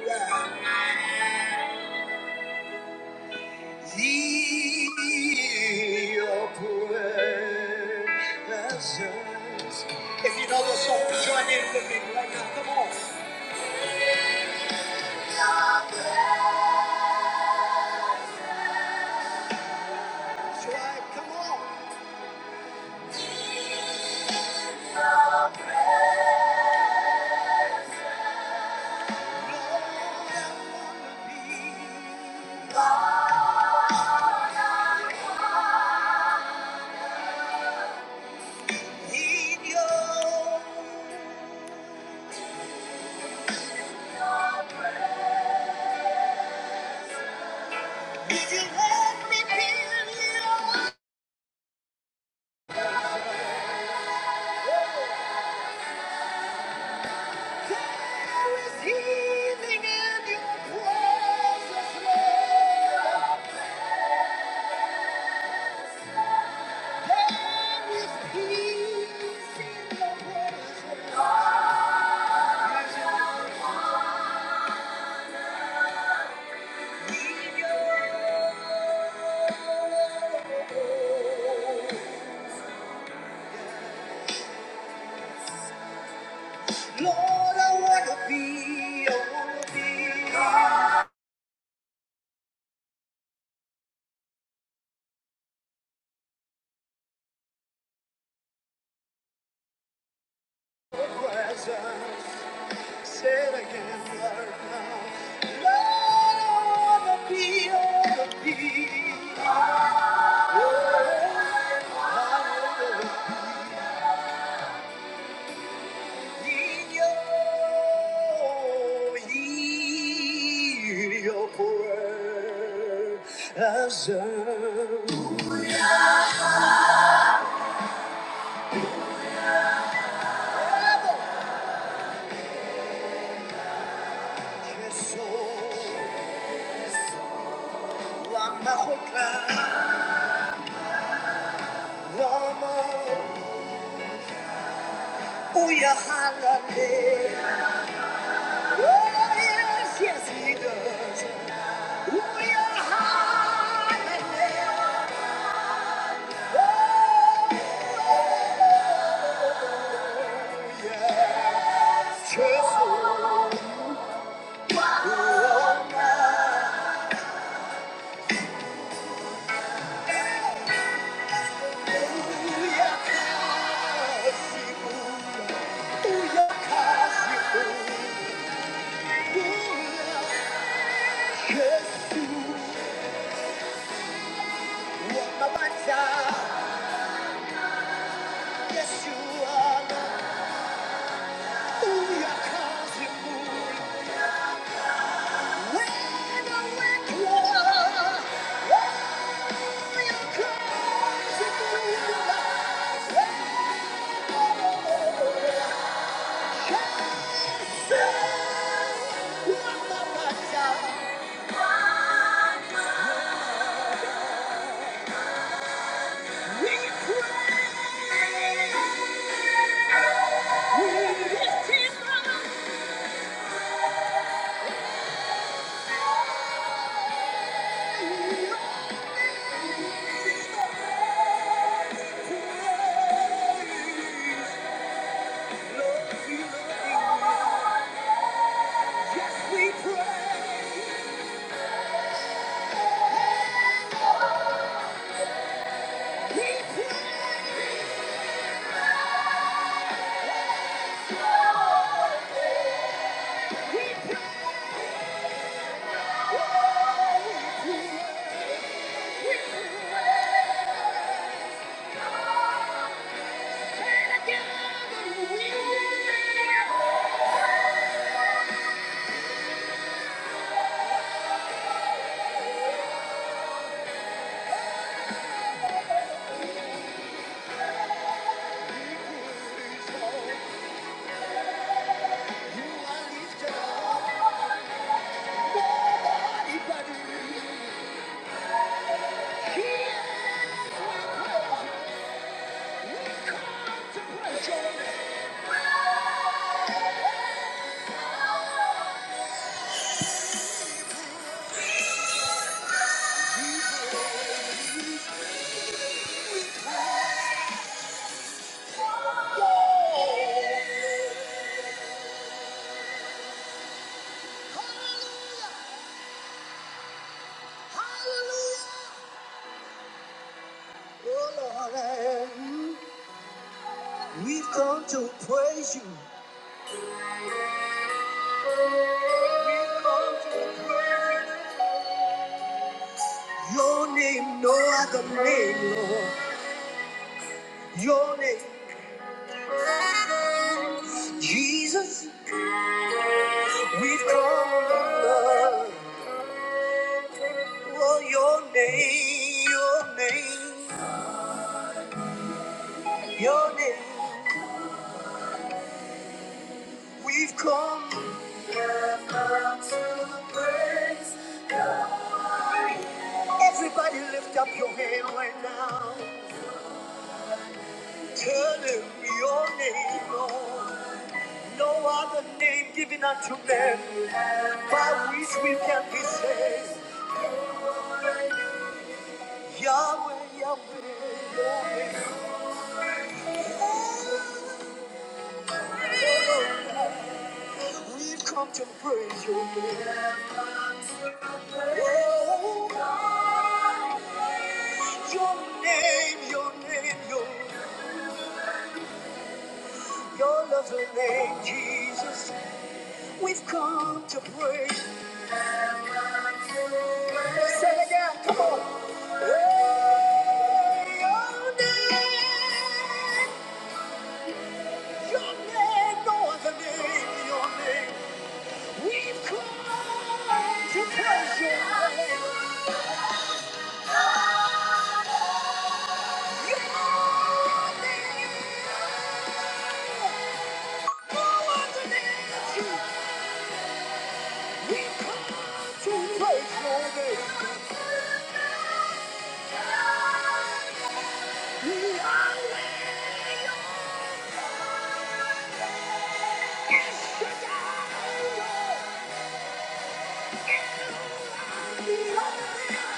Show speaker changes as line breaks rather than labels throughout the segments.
Your presence. If you know the song, right, come on. Lord, I wanna be in your- If you let me feel in your- there is healing in your presence, Lord. There is peace in your presence. Lord, I wanna be, I wanna be your presence. Say it again right now. Lord, I wanna be, I wanna be. Oh, I wanna be in your, in your presence. Oh, Yes, yes, Yeshua, Yeshua, Ooh, Yes, yes, you move. Again, we will. We've come to praise you. We've come to praise you. Your name, no other name, Lord. Your name, Jesus. We've come, Lord. Oh, your name, your name, your name. We've come. We've come to praise. Everybody lift up your hand right now. Tell him your name, Lord. No other name given unto men by which we can be saved. Yahweh, Yahweh, your name. Oh, We've come to praise your name. Oh, Your name, your name, your, your lovely name, Jesus. We've come to praise. Say it again, come on. Hey, your name, your name, no other name, your name. We've come to praise your name. We've come to praise your name. Shaddai, Lord.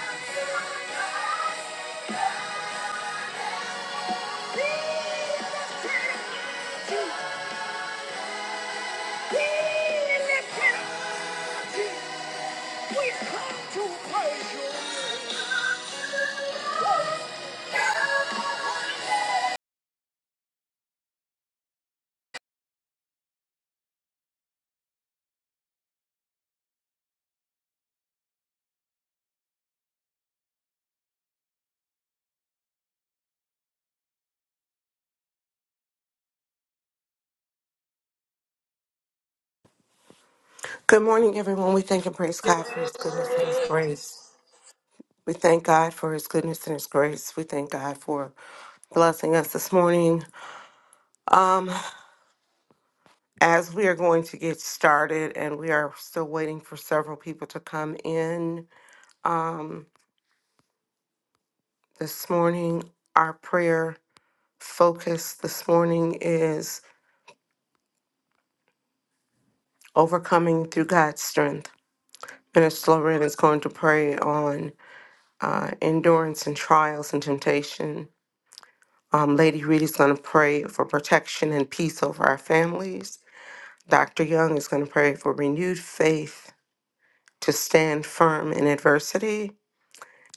Good morning, everyone. We thank and praise God for his goodness and his grace. We thank God for his goodness and his grace. We thank God for blessing us this morning. Um, as we are going to get started, and we are still waiting for several people to come in um, this morning, our prayer focus this morning is overcoming through God's strength. Minister Lorraine is going to pray on uh, endurance and trials and temptation. Um, Lady Reed is going to pray for protection and peace over our families. Dr. Young is going to pray for renewed faith to stand firm in adversity.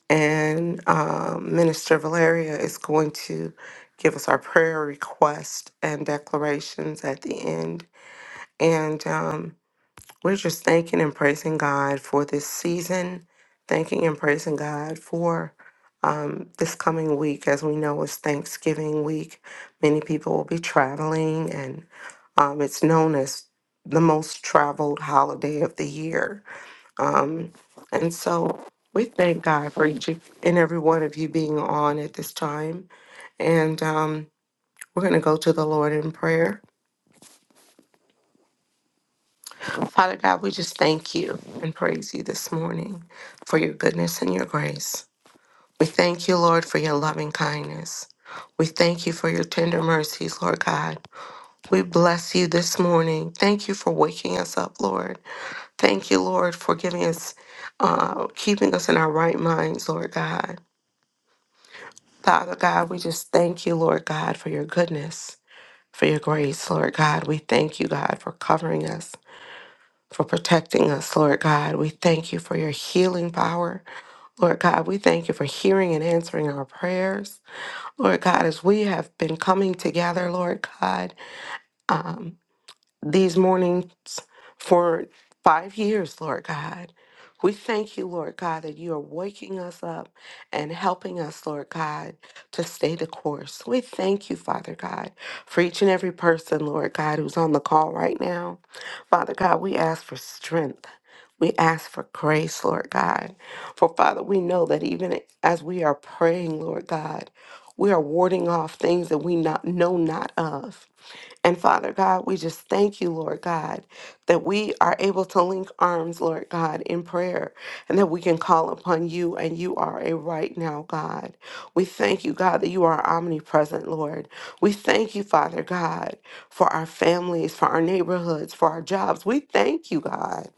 And um, Minister Valeria is going to give us our prayer request and declarations at the end. And um, we're just thanking and praising God for this season, thanking and praising God for um, this coming week. As we know, it's Thanksgiving week. Many people will be traveling, and um, it's known as the most traveled holiday of the year. Um, and so we thank God for each and every one of you being on at this time. And um, we're going to go to the Lord in prayer. Father God, we just thank you and praise you this morning for your goodness and your grace. We thank you, Lord, for your loving kindness. We thank you for your tender mercies, Lord God. We bless you this morning. Thank you for waking us up, Lord. Thank you, Lord, for giving us, uh, keeping us in our right minds, Lord God. Father God, we just thank you, Lord God, for your goodness, for your grace, Lord God. We thank you, God, for covering us for protecting us, Lord God. We thank you for your healing power. Lord God, we thank you for hearing and answering our prayers. Lord God, as we have been coming together, Lord God. um, these mornings for five years, Lord God. We thank you, Lord God, that you are waking us up and helping us, Lord God, to stay the course. We thank you, Father God, for each and every person, Lord God, who's on the call right now. Father God, we ask for strength. We ask for grace, Lord God. For Father, we know that even as we are praying, Lord God, we are warding off things that we not know not of. And Father God, we just thank you, Lord God, that we are able to link arms, Lord God, in prayer and that we can call upon you and you are a right now God. We thank you, God, that you are omnipresent, Lord. We thank you, Father God, for our families, for our neighborhoods, for our jobs. We thank you, God.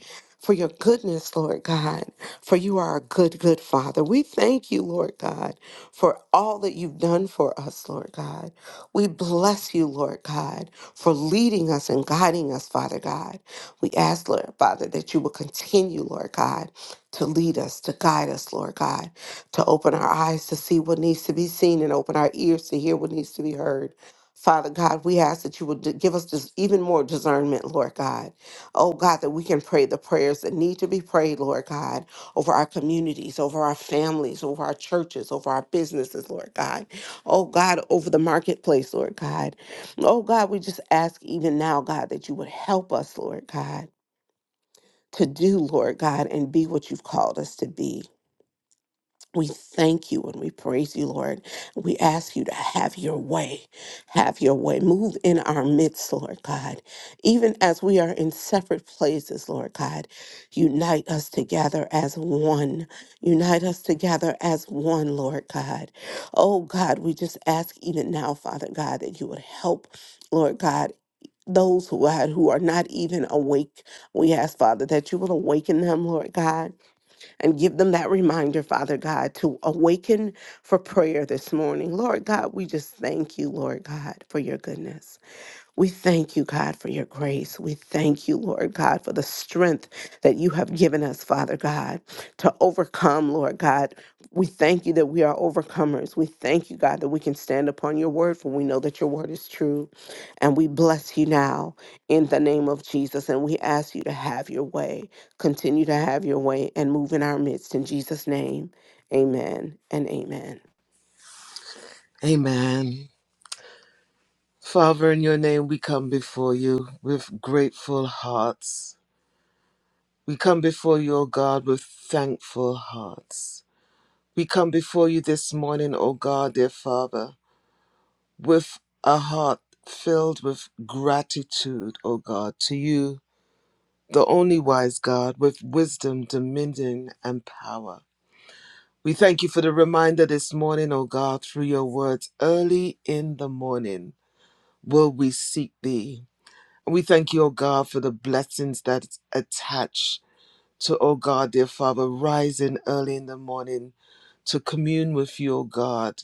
For your goodness, Lord God, for you are a good, good Father. We thank you, Lord God, for all that you've done for us, Lord God. We bless you, Lord God for leading us and guiding us, Father God. We ask, Lord Father, that you will continue, Lord God, to lead us, to guide us, Lord God, to open our eyes to see what needs to be seen and open our ears to hear what needs to be heard. Father God, we ask that you would d- give us just even more discernment, Lord God. Oh God, that we can pray the prayers that need to be prayed, Lord God, over our communities, over our families, over our churches, over our businesses, Lord God. Oh God, over the marketplace, Lord God. Oh God, we just ask even now, God, that you would help us, Lord God, to do, Lord God, and be what you've called us to be. We thank you and we praise you, Lord. We ask you to have your way. Have your way. Move in our midst, Lord God. Even as we are in separate places, Lord God, unite us together as one. Unite us together as one, Lord God. Oh God, we just ask even now, Father God, that you would help, Lord God those who God who are not even awake. We ask, Father, that you will awaken them, Lord God, and give them that reminder, Father God, to awaken for prayer this morning. Lord God, we just thank you, Lord God, for your goodness. We thank you, God, for your grace. We thank you, Lord God, for the strength that you have given us, Father God, to overcome, Lord God. We thank you that we are overcomers. We thank you, God, that we can stand upon your word, for we know that your word is true. And we bless you now in the name of Jesus. And we ask you to have your way, continue to have your way, and move in our midst. In Jesus' name, amen and amen.
Amen. Father, in your name we come before you with grateful hearts. We come before you, O God, with thankful hearts. We come before you this morning, O God, dear Father, with a heart filled with gratitude, O God, to you, the only wise God, with wisdom, dominion, and power. We thank you for the reminder this morning, O God, through your words. Early in the morning will we seek thee. And we thank you, O God, for the blessings that attach to, O God, dear Father, rising early in the morning to commune with you, O God.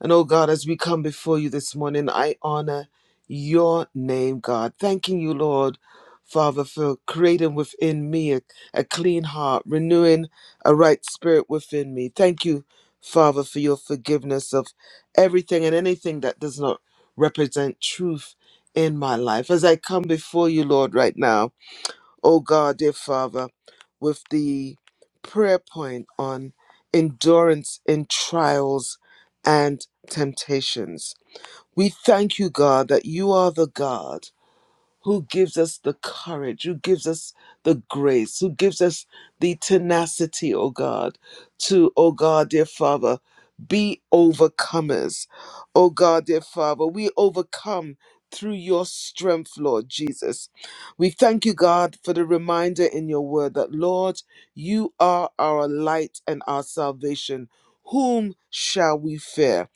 And oh God, as we come before you this morning, I honor your name, God. Thanking you, Lord, Father, for creating within me a, a clean heart, renewing a right spirit within me. Thank you, Father, for your forgiveness of everything and anything that does not represent truth in my life. As I come before you, Lord, right now, oh God, dear Father, with the prayer point on endurance in trials and temptations. We thank you, God, that you are the God who gives us the courage, who gives us the grace, who gives us the tenacity, O God, to, O God, dear Father, be overcomers. O God, dear Father, we overcome through your strength, Lord Jesus. We thank you, God, for the reminder in your word that, Lord, you are our light and our salvation. Whom shall we fear?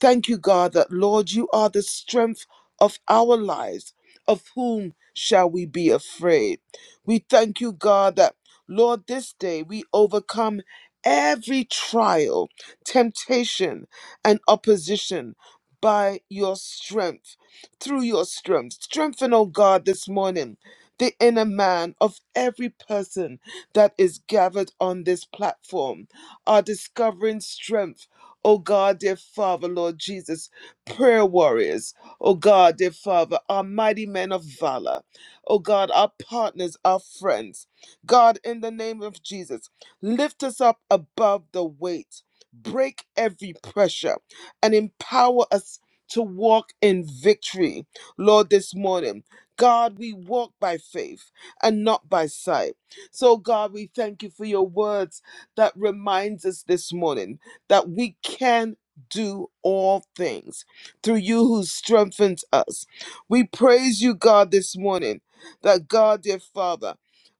Thank you, God, that Lord, you are the strength of our lives. Of whom shall we be afraid? We thank you, God, that Lord, this day we overcome every trial, temptation, and opposition by your strength, through your strength. Strengthen, oh God, this morning. The inner man of every person that is gathered on this platform are discovering strength Oh God, dear Father, Lord Jesus, prayer warriors. Oh God, dear Father, our mighty men of valor. Oh God, our partners, our friends. God, in the name of Jesus, lift us up above the weight, break every pressure, and empower us to walk in victory. Lord, this morning, God, we walk by faith and not by sight. So, God, we thank you for your words that reminds us this morning that we can do all things through you who strengthens us. We praise you, God, this morning, that God, dear Father,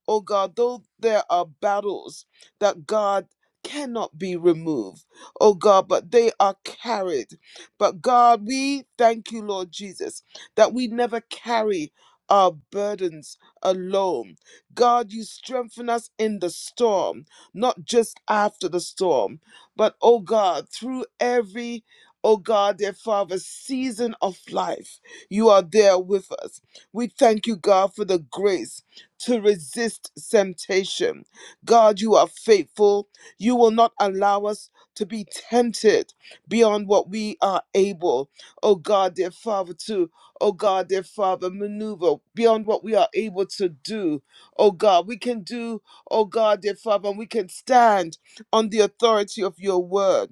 oh God, though there are battles that God cannot be removed, oh God, but they are carried. But God, we thank you, Lord Jesus, that we never carry our burdens alone. God, you strengthen us in the storm, not just after the storm. But, oh God, through every, oh God, dear Father, season of life, you are there with us. We thank you, God, for the grace to resist temptation. God, you are faithful. You will not allow us to be tempted beyond what we are able, oh God, dear Father, to, oh God, dear Father, maneuver beyond what we are able to do. Oh God, we can do, oh God, dear Father, and we can stand on the authority of your word.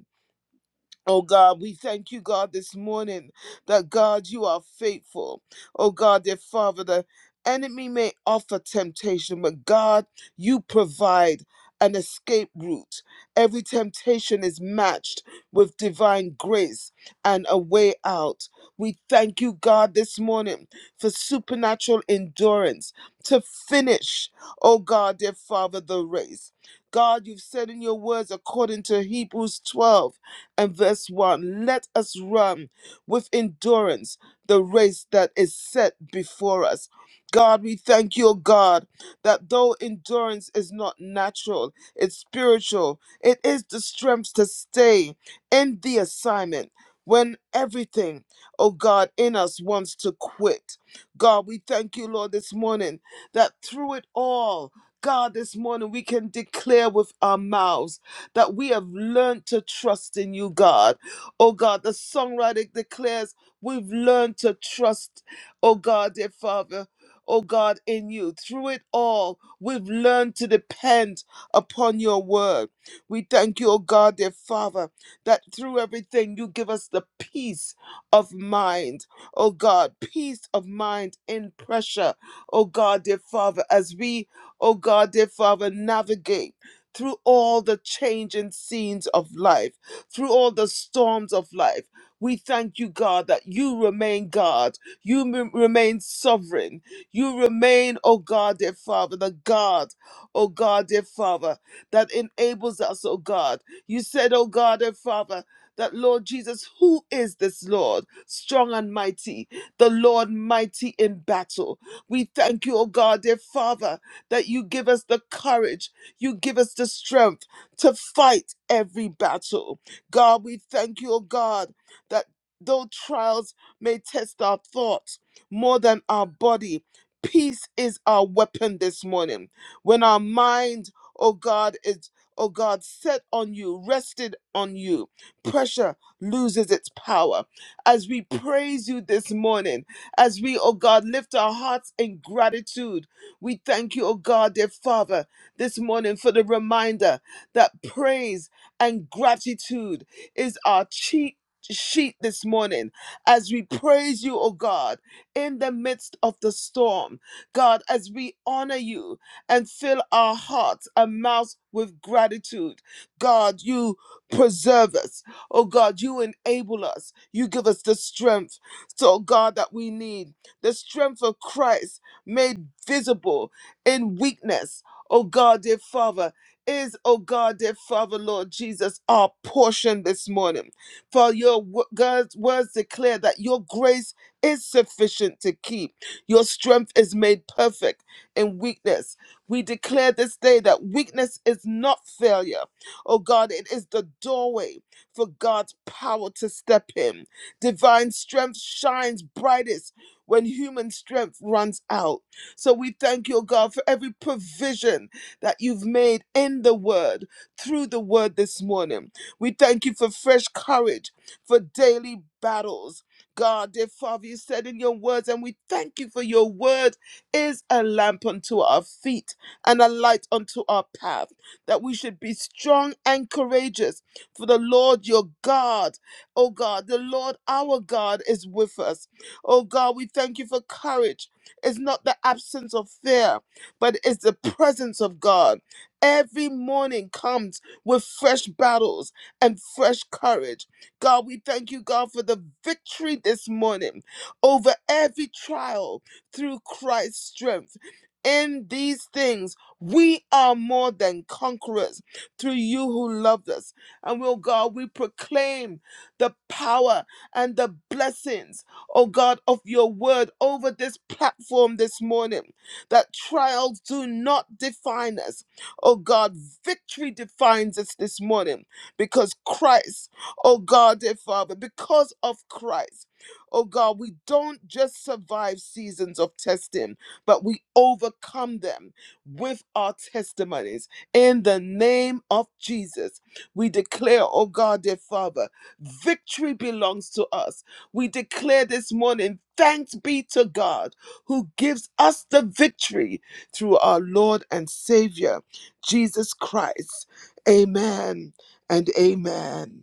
Oh God, we thank you, God, this morning that God, you are faithful. Oh God, dear Father, the enemy may offer temptation, but God, you provide an escape route. Every temptation is matched with divine grace and a way out. We thank you, God, this morning for supernatural endurance to finish, oh God, dear Father, the race. God, you've said in your words, according to Hebrews 12 and verse 1 Let us run with endurance the race that is set before us. God, we thank you, O God, that though endurance is not natural, it's spiritual. It is the strength to stay in the assignment when everything, oh God, in us wants to quit. God, we thank you, Lord, this morning that through it all, God, this morning we can declare with our mouths that we have learned to trust in you, God. Oh God, the songwriter declares we've learned to trust, oh God, dear Father. Oh God, in you. Through it all, we've learned to depend upon your word. We thank you, oh God, dear Father, that through everything you give us the peace of mind. Oh God, peace of mind in pressure. Oh God, dear Father, as we, oh God, dear Father, navigate through all the changing scenes of life, through all the storms of life. We thank you, God, that you remain God. You m- remain sovereign. You remain, oh God, dear Father, the God, oh God, dear Father, that enables us, oh God. You said, oh God, dear Father, that Lord Jesus, who is this Lord? Strong and mighty, the Lord mighty in battle. We thank you, O God, dear Father, that you give us the courage, you give us the strength to fight every battle. God, we thank you, O God, that though trials may test our thoughts more than our body, peace is our weapon this morning. When our mind, O God, is, O God, set on you, rested on you pressure loses its power. As we praise you this morning, as we, oh God, lift our hearts in gratitude, we thank you, oh God, dear Father, this morning for the reminder that praise and gratitude is our cheat sheet this morning as we praise you oh god in the midst of the storm god as we honor you and fill our hearts and mouths with gratitude god you preserve us Oh God, you enable us. You give us the strength, so oh God, that we need. The strength of Christ made visible in weakness. Oh God, dear Father, is, oh God, dear Father, Lord Jesus, our portion this morning. For your wo- God's words declare that your grace is sufficient to keep. Your strength is made perfect in weakness. We declare this day that weakness is not failure. Oh God, it is the doorway for God's power to step in. Divine strength shines brightest when human strength runs out. So we thank you, O God, for every provision that you've made in the word, through the word this morning. We thank you for fresh courage, for daily battles. God, dear Father, you said in your words, and we thank you for your word is a lamp unto our feet and a light unto our path that we should be strong and courageous. For the Lord your God, oh God, the Lord our God is with us. Oh God, we thank you for courage. It's not the absence of fear, but it's the presence of God. Every morning comes with fresh battles and fresh courage. God, we thank you, God, for the victory this morning over every trial through Christ's strength. In these things, we are more than conquerors through you who loved us. And oh God, we proclaim the power and the blessings, oh God, of your word over this platform this morning. That trials do not define us. Oh God, victory defines us this morning because Christ, oh God, dear Father, because of Christ. Oh God, we don't just survive seasons of testing, but we overcome them with our testimonies. In the name of Jesus, we declare, oh God, dear Father, victory belongs to us. We declare this morning, thanks be to God who gives us the victory through our Lord and Savior, Jesus Christ. Amen and amen.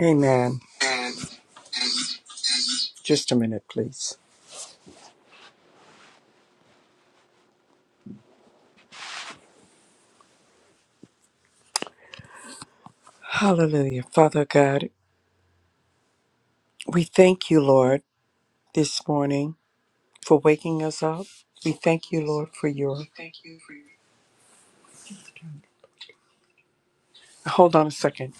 Amen. Just a minute, please. Hallelujah. Father God, we thank you, Lord, this morning for waking us up. We thank you, Lord, for your. Hold on a second.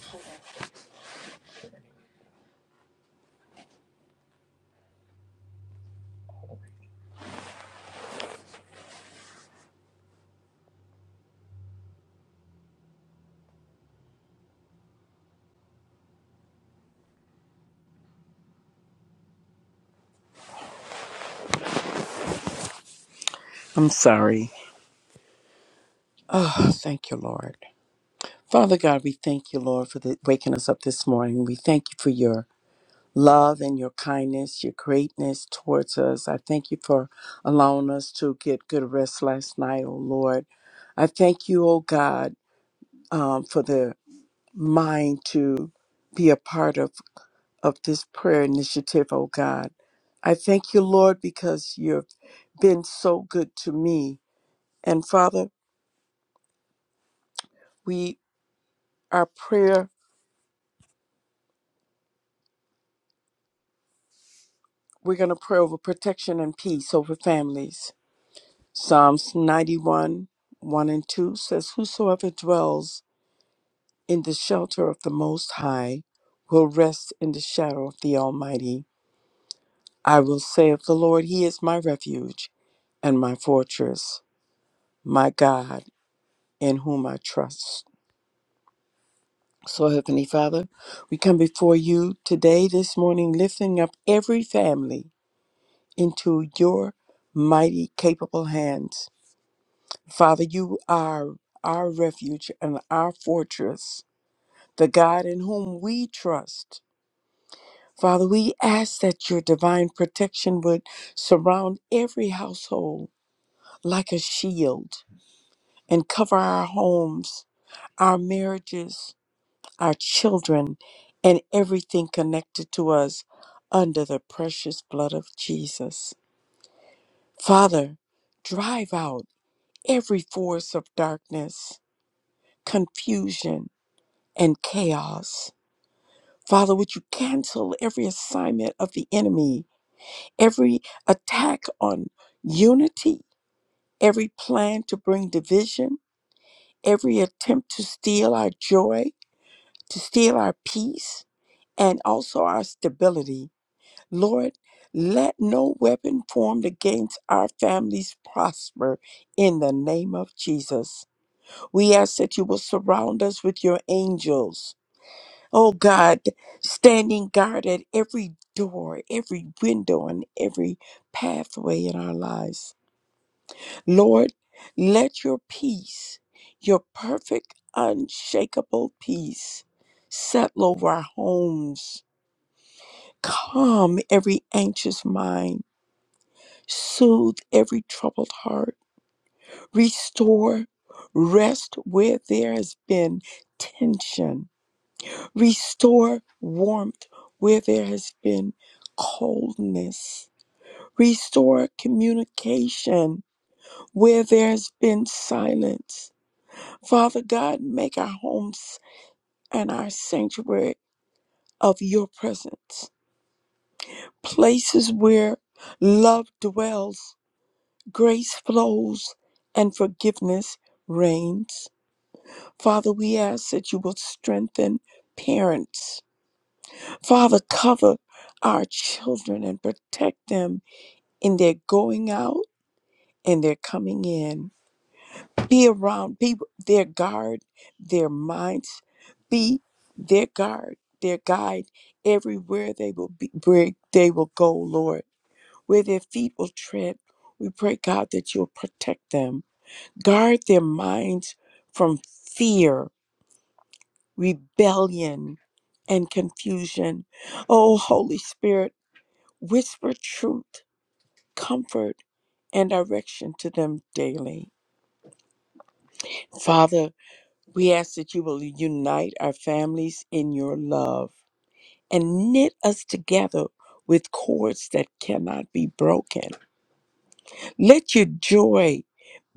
I'm sorry. Oh, thank you, Lord. Father God, we thank you, Lord, for the, waking us up this morning. We thank you for your love and your kindness, your greatness towards us. I thank you for allowing us to get good rest last night, oh Lord. I thank you, oh God, um, for the mind to be a part of, of this prayer initiative, oh God. I thank you, Lord, because you've been so good to me. And Father, we our prayer, we're gonna pray over protection and peace over families. Psalms ninety one, one and two says, Whosoever dwells in the shelter of the most high will rest in the shadow of the Almighty. I will say of the Lord, He is my refuge and my fortress. my God, in whom I trust. So, Heavenly Father, we come before you today, this morning, lifting up every family into your mighty, capable hands. Father, you are our refuge and our fortress, the God in whom we trust. Father, we ask that your divine protection would surround every household like a shield and cover our homes, our marriages, our children, and everything connected to us under the precious blood of Jesus. Father, drive out every force of darkness, confusion, and chaos. Father, would you cancel every assignment of the enemy, every attack on unity, every plan to bring division, every attempt to steal our joy, to steal our peace, and also our stability? Lord, let no weapon formed against our families prosper in the name of Jesus. We ask that you will surround us with your angels. Oh God, standing guard at every door, every window, and every pathway in our lives. Lord, let your peace, your perfect, unshakable peace, settle over our homes. Calm every anxious mind soothe every troubled heart, restore rest where there has been tension, restore warmth where there has been coldness, restore communication where there has been silence. Father God, make our homes and our sanctuary of your presence, places where love dwells grace flows and forgiveness reigns. Father, we ask that you will strengthen parents. Father, cover our children and protect them in their going out and their coming in. Be around, be their guard, their minds, be their guard, their guide everywhere they will be where they will go, Lord. Where their feet will tread, we pray, God, that you'll protect them. Guard their minds from fear, rebellion, and confusion. Oh, Holy Spirit, whisper truth, comfort, and direction to them daily. Father, we ask that you will unite our families in your love and knit us together with cords that cannot be broken. Let your joy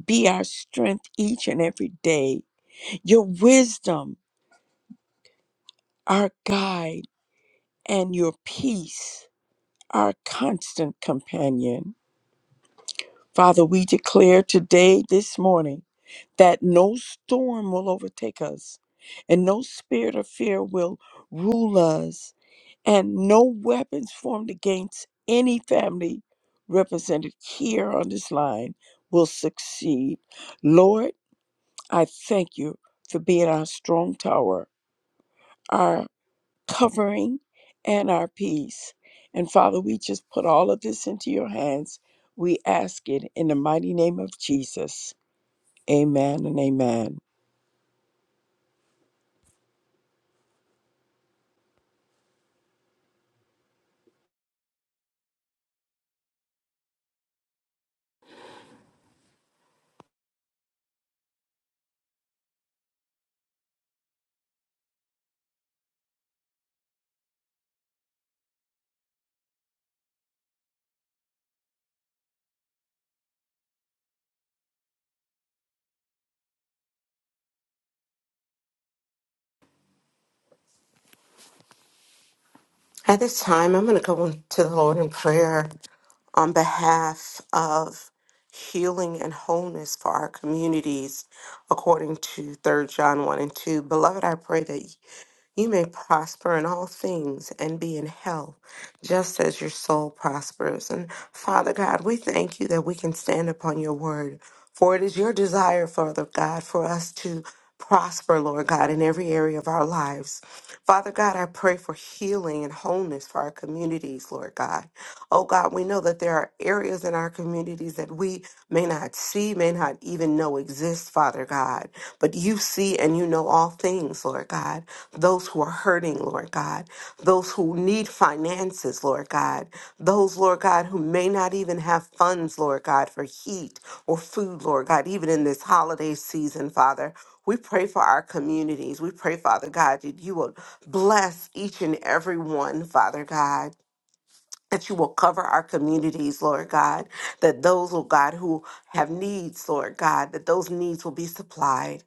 be our strength each and every day, your wisdom, our guide and your peace, our constant companion. Father, we declare today, this morning, that no storm will overtake us, and no spirit of fear will rule us, and no weapons formed against any family represented here on this line will succeed. Lord, I thank you for being our strong tower, Our covering and our peace. And Father, we just put all of this into your hands. We ask it in the mighty name of Jesus. Amen and amen.
At this time, I'm going to go to the Lord in prayer. on behalf of healing and wholeness for our communities according to Third John 1 and 2. Beloved, I pray that you may prosper in all things and be in health just as your soul prospers. And Father God, we thank you that we can stand upon your word. For it is your desire, Father God, for us to prosper, Lord God, in every area of our lives. Father God, I pray for healing and wholeness for our communities, Lord God. Oh God, we know that there are areas in our communities that we may not see, may not even know exist, Father God. But you see and you know all things, Lord God. Those who are hurting, Lord God. Those who need finances, Lord God. Those, Lord God, who may not even have funds, Lord God, for heat or food, Lord God, even in this holiday season, Father. We pray for our communities. We pray, Father God, that you will bless each and every one, Father God that you will cover our communities, Lord God, that those, oh God, who have needs, Lord God, that those needs will be supplied.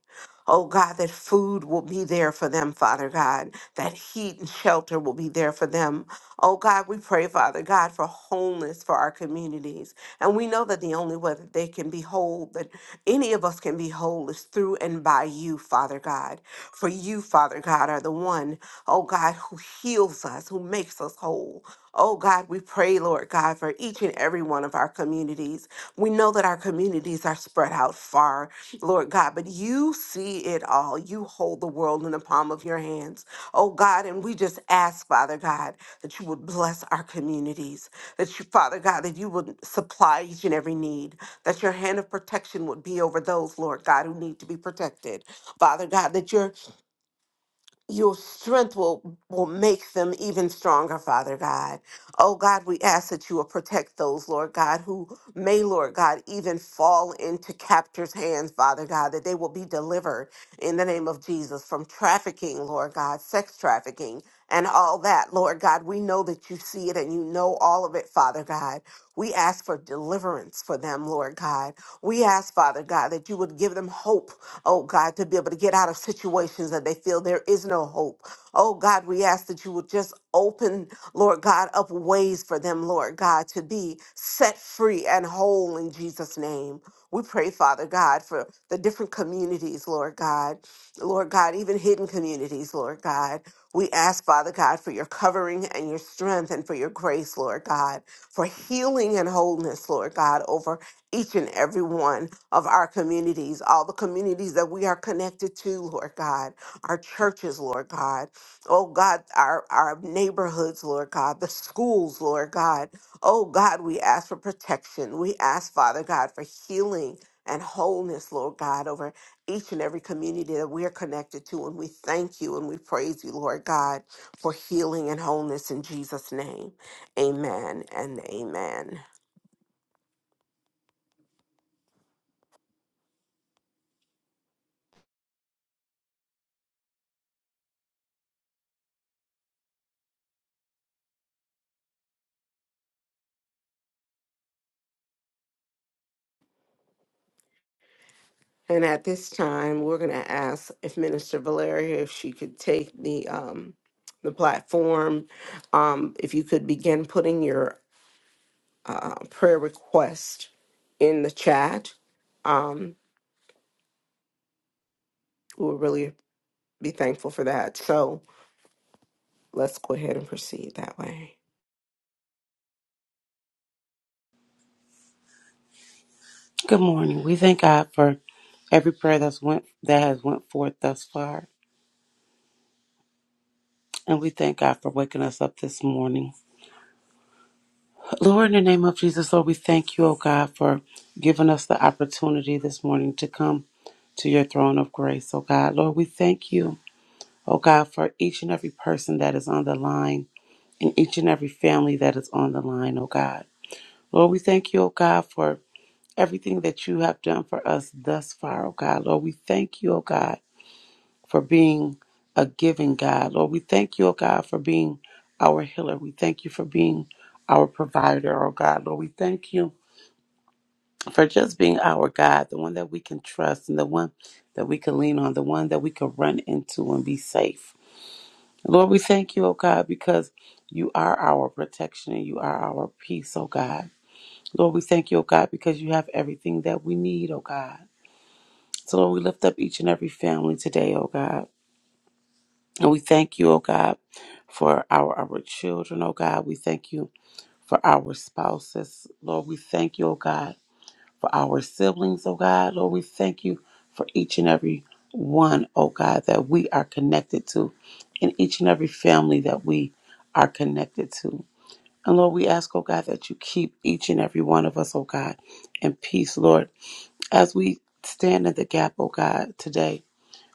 Oh God, that food will be there for them, Father God, that heat and shelter will be there for them. Oh God, we pray, Father God, for wholeness for our communities. And we know that the only way that they can be whole, that any of us can be whole, is through and by you, Father God. For you, Father God, are the one, oh God, who heals us, who makes us whole. Oh God, we pray, Lord God, for each and every one of our communities. We know that our communities are spread out far, Lord God, but you see it all. You hold the world in the palm of your hands. Oh God, and we just ask, Father God, that you would bless our communities, that you, Father God, that you would supply each and every need, that your hand of protection would be over those, Lord God, who need to be protected. Father God, that your your strength will will make them even stronger father god oh god we ask that you will protect those lord god who may lord god even fall into captors hands father god that they will be delivered in the name of jesus from trafficking lord god sex trafficking and all that lord god we know that you see it and you know all of it father god we ask for deliverance for them, Lord God. We ask, Father God, that you would give them hope, oh God, to be able to get out of situations that they feel there is no hope. Oh God, we ask that you would just open, Lord God, up ways for them, Lord God, to be set free and whole in Jesus' name. We pray, Father God, for the different communities, Lord God. Lord God, even hidden communities, Lord God. We ask, Father God, for your covering and your strength and for your grace, Lord God, for healing and wholeness, Lord God, over each and every one of our communities, all the communities that we are connected to, Lord God, our churches, Lord God, oh God, our, our neighborhoods, Lord God, the schools, Lord God. Oh God, we ask for protection. We ask, Father God, for healing and wholeness, Lord God, over each and every community that we're connected to. And we thank you and we praise you, Lord God, for healing and wholeness in Jesus' name. Amen and amen. And at this time, we're going to ask if Minister Valeria, if she could take the um, the platform, um, if you could begin putting your uh, prayer request in the chat, um, we'll really be thankful for that. So let's go ahead and proceed that way.
Good morning. We thank God for every prayer that's went that has went forth thus far. And we thank God for waking us up this morning. Lord, in the name of Jesus, Lord, we thank you, oh God, for giving us the opportunity this morning to come to your throne of grace, oh God. Lord, we thank you, oh God, for each and every person that is on the line and each and every family that is on the line, oh God. Lord, we thank you, oh God, for everything that you have done for us thus far, oh God. Lord, we thank you, oh God for being a giving God. Lord, we thank you, oh God, for being our healer. We thank you for being our provider, oh God. Lord, we thank you for just being our God, the one that we can trust and the one that we can lean on, the one that we can run into and be safe. Lord, we thank you, oh God, because you are our protection and you are our peace, oh God. Lord, we thank you, oh God, because you have everything that we need, oh God. So, Lord, we lift up each and every family today, oh God. And we thank you, oh God, for our, our children, oh God. We thank you for our spouses, Lord. We thank you, oh God, for our siblings, oh God. Lord, we thank you for each and every one, oh God, that we are connected to, and each and every family that we are connected to. And Lord, we ask, oh God, that you keep each and every one of us, oh God, in peace, Lord, as we stand in the gap, oh God, today.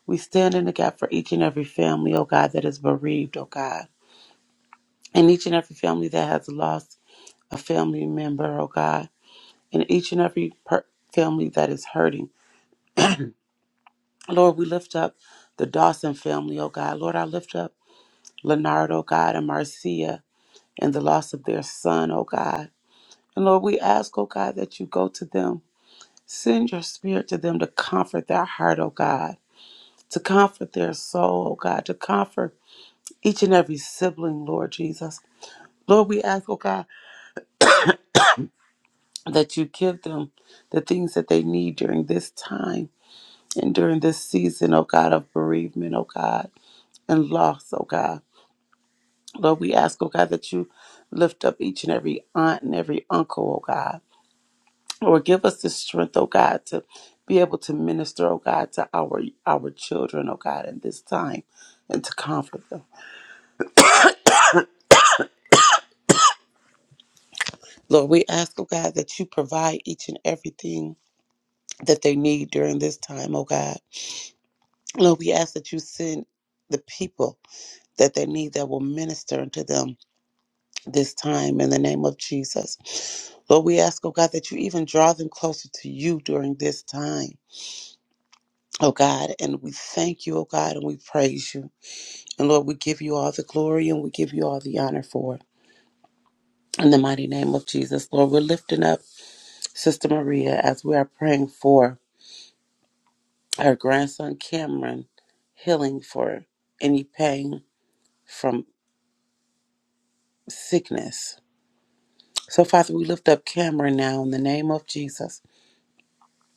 We stand in the gap for each and every family, oh God, that is bereaved, oh God. And each and every family that has lost a family member, oh God. And each and every per- family that is hurting. Lord, we lift up the Dawson family, oh God. Lord, I lift up Leonard, oh God, and Marcia and the loss of their son, oh God. And Lord, we ask, oh God, that you go to them. Send your spirit to them to comfort their heart, oh God, to comfort their soul, oh God, to comfort each and every sibling, Lord Jesus. Lord, we ask, oh God, that you give them the things that they need during this time and during this season, oh God, of bereavement, oh God, and loss, oh God. Lord, we ask, oh God, that you lift up each and every aunt and every uncle, oh God. Lord, give us the strength, oh God, to be able to minister, oh God, to our our children, oh God, in this time and to comfort them. Lord, we ask, oh God, that you provide each and everything that they need during this time, oh God. Lord, we ask that you send the people that they need that will minister unto them this time in the name of Jesus. Lord, we ask, oh God, that you even draw them closer to you during this time, oh God. And we thank you, oh God, and we praise you. And Lord, we give you all the glory and we give you all the honor for it. In the mighty name of Jesus, Lord, we're lifting up Sister Maria as we are praying for her grandson Cameron, healing for any pain from sickness. So, Father, we lift up Cameron now in the name of Jesus.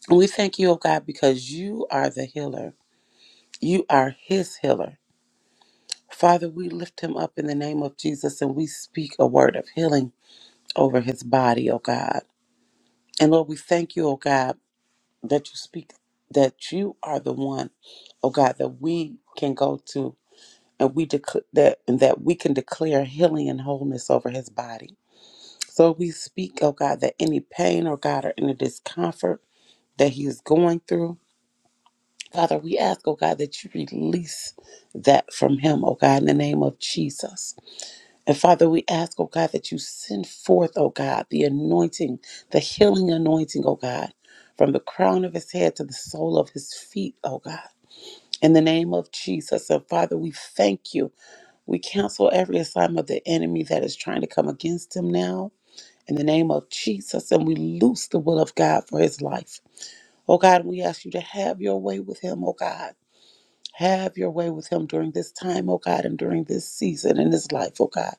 And we thank you, oh God, because you are the healer. You are his healer. Father, we lift him up in the name of Jesus and we speak a word of healing over his body, oh God. And Lord, we thank you, oh God, that you speak, that you are the one, oh God, that we can go to and we dec- that and that we can declare healing and wholeness over his body. So we speak, oh God, that any pain, oh God, or any discomfort that he is going through. Father, we ask, oh God, that you release that from him, oh God, in the name of Jesus. And Father, we ask, oh God, that you send forth, oh God, the anointing, the healing anointing, oh God, from the crown of his head to the sole of his feet, oh God. In the name of Jesus. And Father, we thank you. We cancel every assignment of the enemy that is trying to come against him now. In the name of Jesus. And we loose the will of God for his life. Oh God, we ask you to have your way with him, oh God. Have your way with him during this time, oh God, and during this season in his life, oh God.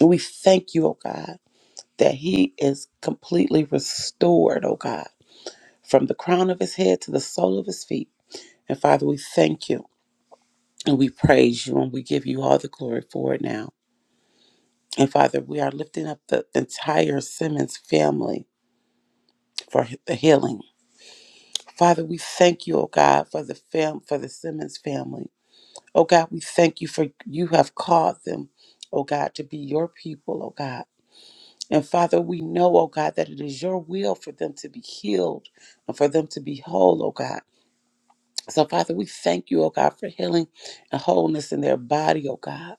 And we thank you, oh God, that he is completely restored, oh God, from the crown of his head to the sole of his feet. And Father, we thank you and we praise you and we give you all the glory for it now. And Father, we are lifting up the entire Simmons family for the healing. Father, we thank you, oh God, for the fam- for the Simmons family. Oh God, we thank you for you have called them, oh God, to be your people, oh God. And Father, we know, oh God, that it is your will for them to be healed and for them to be whole, oh God. So, Father, we thank you, oh God, for healing and wholeness in their body, oh God.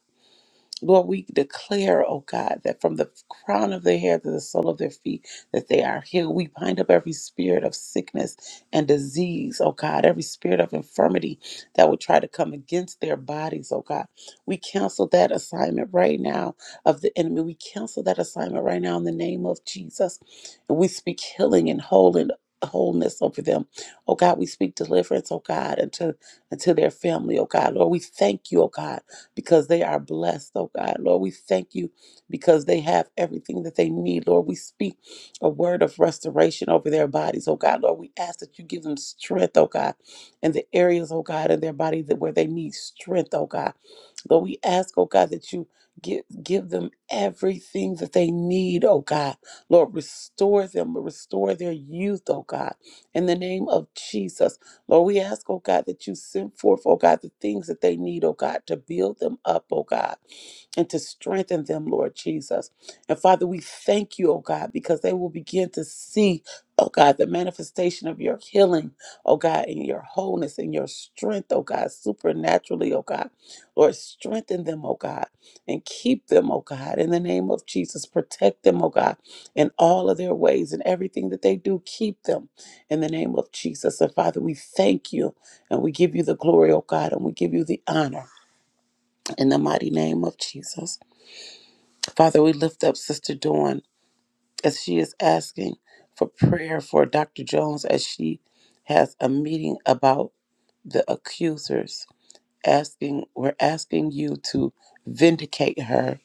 Lord, we declare, oh God, that from the crown of their hair to the sole of their feet, that they are healed. We bind up every spirit of sickness and disease, oh God, every spirit of infirmity that would try to come against their bodies, oh God. We cancel that assignment right now of the enemy. We cancel that assignment right now in the name of Jesus. And we speak healing and whole and wholeness over them. Oh God, we speak deliverance, oh God, unto unto their family, oh God. Lord, we thank you, oh God because they are blessed, oh God. Lord, we thank you because they have everything that they need. Lord, we speak a word of restoration over their bodies, oh God. Lord, we ask that you give them strength, oh God, in the areas, oh God, in their body that where they need strength, oh God. Lord, we ask, oh God, that you give give them everything that they need, oh God. Lord, restore them, restore their youth, oh God. In the name of Jesus. Lord, we ask, oh God, that you send forth, oh God, the things that they need, oh God, to build them up, oh God, and to strengthen them, Lord Jesus. And Father, we thank you, oh God, because they will begin to see, oh God, the manifestation of your healing, oh God, and your wholeness and your strength, oh God, supernaturally, oh God. Lord, strengthen them, oh God, and keep them, oh God, in the name of Jesus. Protect them, oh God, in all of their ways and everything that they do. Keep them in the name of Jesus. And Father, we thank you and we give you the glory, oh God, and we give you the honor in the mighty name of Jesus. Father, we lift up Sister Dawn as she is asking for prayer for Dr. Jones as she has a meeting about the accusers. Asking, we're asking you to vindicate her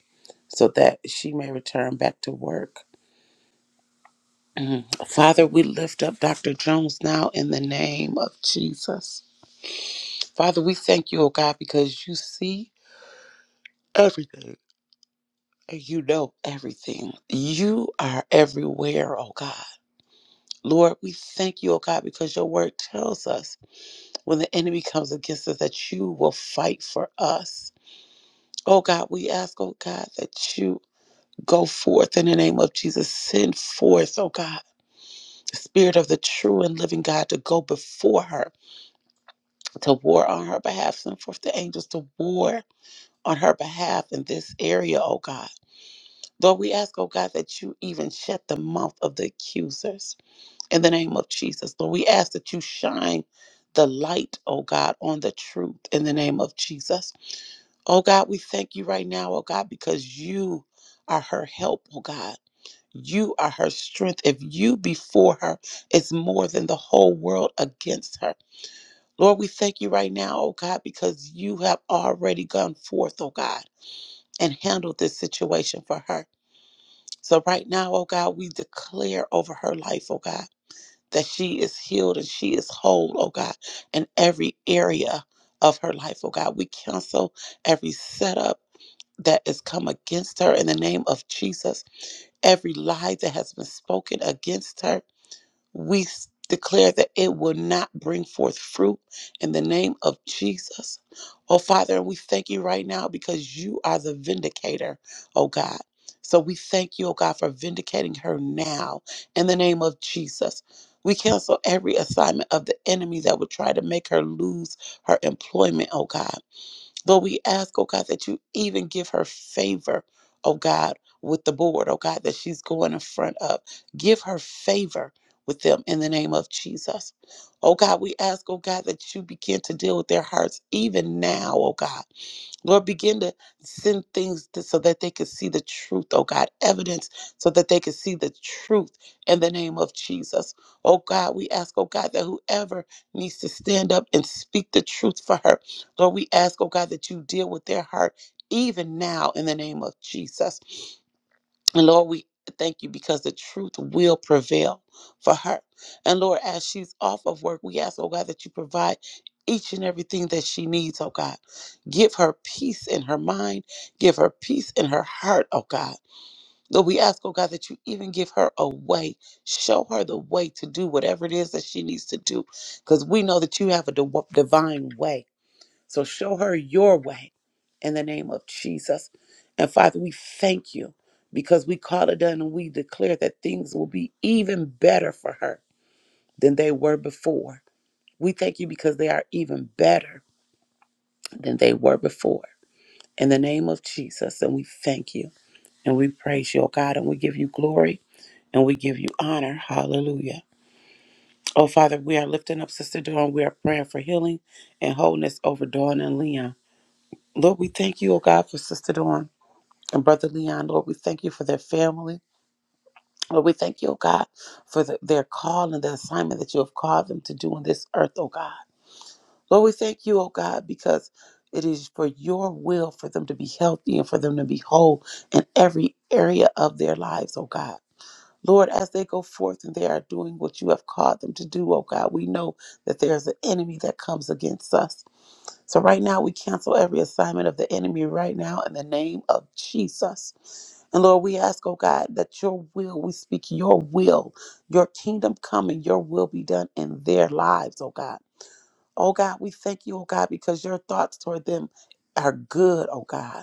so that she may return back to work. Mm. Father, we lift up Dr. Jones now in the name of Jesus. Father, we thank you, oh God, because you see everything. and You know everything. You are everywhere, oh God. Lord, we thank you, oh God, because your word tells us when the enemy comes against us that you will fight for us. Oh God, we ask, oh God, that you go forth in the name of Jesus. Send forth, oh God. Spirit of the true and living God to go before her, to war on her behalf. Send forth the angels to war on her behalf in this area, oh God. Lord, we ask, oh God, that you even shut the mouth of the accusers in the name of Jesus. Lord, we ask that you shine the light, oh God, on the truth in the name of Jesus. Oh God, we thank you right now, oh God, because you are her help, oh God. You are her strength. If you before her, is more than the whole world against her. Lord, we thank you right now, oh God, because you have already gone forth, oh God, and handled this situation for her. So right now, oh God, we declare over her life, oh God, that she is healed and she is whole, oh God, in every area of her life, oh God. We cancel every setup that has come against her in the name of Jesus, every lie that has been spoken against her we s- declare that it will not bring forth fruit in the name of Jesus. Oh, Father, we thank you right now because you are the vindicator, oh God. So we thank you, oh God, for vindicating her now in the name of Jesus. We cancel every assignment of the enemy that would try to make her lose her employment, oh God. Lord, we ask, oh God, that you even give her favor, oh God, with the board, oh God, that she's going in front of. Give her favor with them in the name of Jesus. Oh God, we ask, oh God, that you begin to deal with their hearts even now, oh God. Lord, begin to send things to, so that they can see the truth, oh God, evidence so that they can see the truth in the name of Jesus. Oh God, we ask, oh God, that whoever needs to stand up and speak the truth for her, Lord, we ask, oh God, that you deal with their heart even now in the name of Jesus. And Lord, we thank you because the truth will prevail for her. And Lord, as she's off of work, we ask, oh God, that you provide each and everything that she needs, oh God. Give her peace in her mind, give her peace in her heart, oh God. Lord, we ask, oh God, that you even give her a way. Show her the way to do whatever it is that she needs to do. Because we know that you have a div- divine way. So show her your way in the name of Jesus. And Father, we thank you because we call it done and we declare that things will be even better for her than they were before. We thank you because they are even better than they were before. In the name of Jesus, and we thank you and we praise you, oh God, and we give you glory and we give you honor. Hallelujah. Oh Father, we are lifting up Sister Dawn. We are praying for healing and wholeness over Dawn and Leon. Lord, we thank you, oh God, for Sister Dawn. and Brother Leon, Lord, we thank you for their family. Lord, we thank you, oh God, for the, their call and the assignment that you have called them to do on this earth, oh God. Lord, we thank you, oh God, because it is for your will for them to be healthy and for them to be whole in every area of their lives, oh God. Lord, as they go forth and they are doing what you have called them to do, oh God, we know that there's an enemy that comes against us. So right now we cancel every assignment of the enemy right now in the name of Jesus. And Lord, we ask, oh God, that your will, we speak your will, your kingdom come and your will be done in their lives, oh God. Oh God, we thank you, oh God, because your thoughts toward them are good, oh God.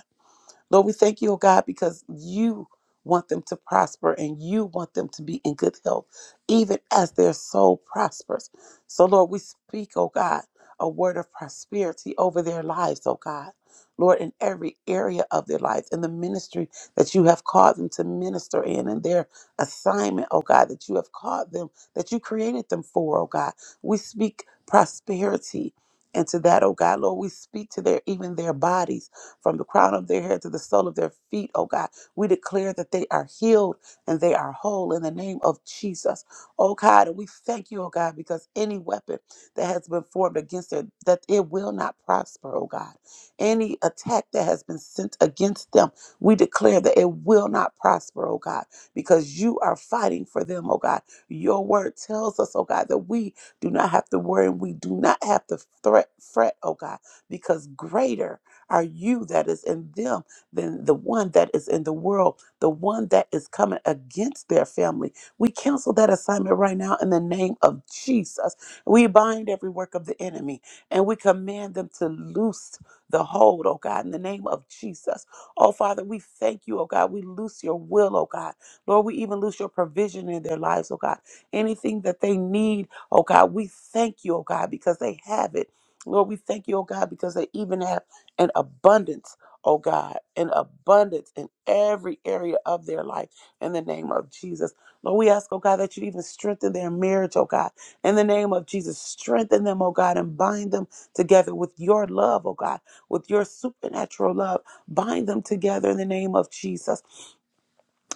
Lord, we thank you, oh God, because you want them to prosper and you want them to be in good health, even as their soul prospers. So, Lord, we speak, oh God, a word of prosperity over their lives, oh God. Lord, in every area of their lives, in the ministry that you have called them to minister in, and their assignment, oh God, that you have called them, that you created them for, oh God. We speak prosperity into that, oh God. Lord, we speak to their even their bodies from the crown of their head to the sole of their feet, oh God. We declare that they are healed and they are whole in the name of Jesus. Oh God, and we thank you, oh God, because any weapon that has been formed against them, that it will not prosper, oh God. Any attack that has been sent against them, we declare that it will not prosper, oh God, because you are fighting for them, oh God. Your word tells us, oh God, that we do not have to worry and we do not have to threat, fret, oh God, because greater are you that is in them than the one that is in the world, the one that is coming against their family. We cancel that assignment right now in the name of Jesus. We bind every work of the enemy and we command them to loose the hold, oh God, in the name of Jesus. Oh Father, we thank you, oh God. We loose your will, oh God. Lord, we even loose your provision in their lives, oh God. Anything that they need, oh God, we thank you, oh God, because they have it. Lord, we thank you, oh God, because they even have and abundance, oh God, and abundance in every area of their life in the name of Jesus. Lord, we ask, oh God, that you even strengthen their marriage, oh God, in the name of Jesus. Strengthen them, oh God, and bind them together with your love, oh God, with your supernatural love. Bind them together in the name of Jesus.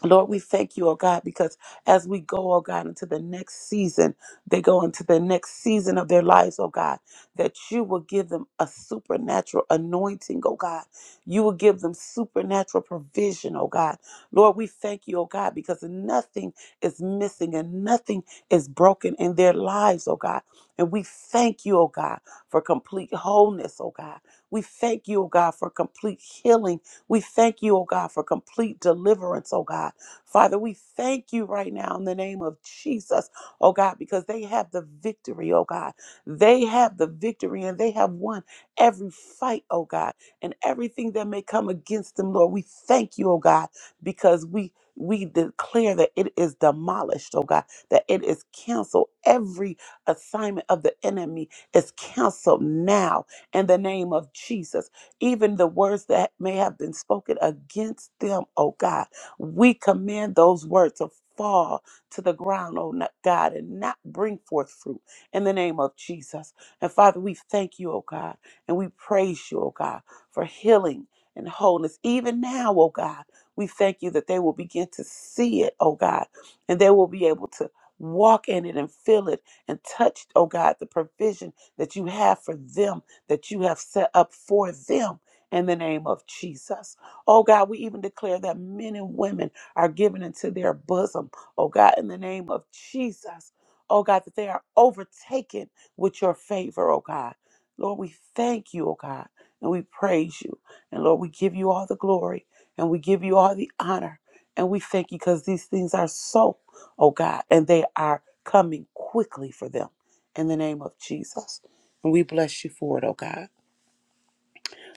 Lord, we thank you, oh God, because as we go, oh God, into the next season, they go into the next season of their lives, oh God, that you will give them a supernatural anointing, oh God. You will give them supernatural provision, oh God. Lord, we thank you, oh God, because nothing is missing and nothing is broken in their lives, oh God. And we thank you, oh God, for complete wholeness, oh God. We thank you, oh God, for complete healing. We thank you, oh God, for complete deliverance, oh God. Father, we thank you right now in the name of Jesus, oh God, because they have the victory, oh God. They have the victory and they have won every fight, oh God, and everything that may come against them, Lord. We thank you, oh God, because we we declare that it is demolished, oh God, that it is canceled. Every assignment of the enemy is canceled now in the name of Jesus. Even the words that may have been spoken against them, oh God. We command those words to fall to the ground, oh no- God, and not bring forth fruit in the name of Jesus. And Father, we thank you, oh God, and we praise you, oh God, for healing and wholeness. Even now, oh God, we thank you that they will begin to see it, oh God, and they will be able to walk in it and feel it and touch, oh God, the provision that you have for them, that you have set up for them in the name of Jesus. Oh God, we even declare that men and women are given into their bosom. Oh God, in the name of Jesus. Oh God, that they are overtaken with your favor, oh God. Lord, we thank you, oh God, and we praise you. And Lord, we give you all the glory and we give you all the honor. And we thank you because these things are so, oh God, and they are coming quickly for them in the name of Jesus. And we bless you for it, oh God.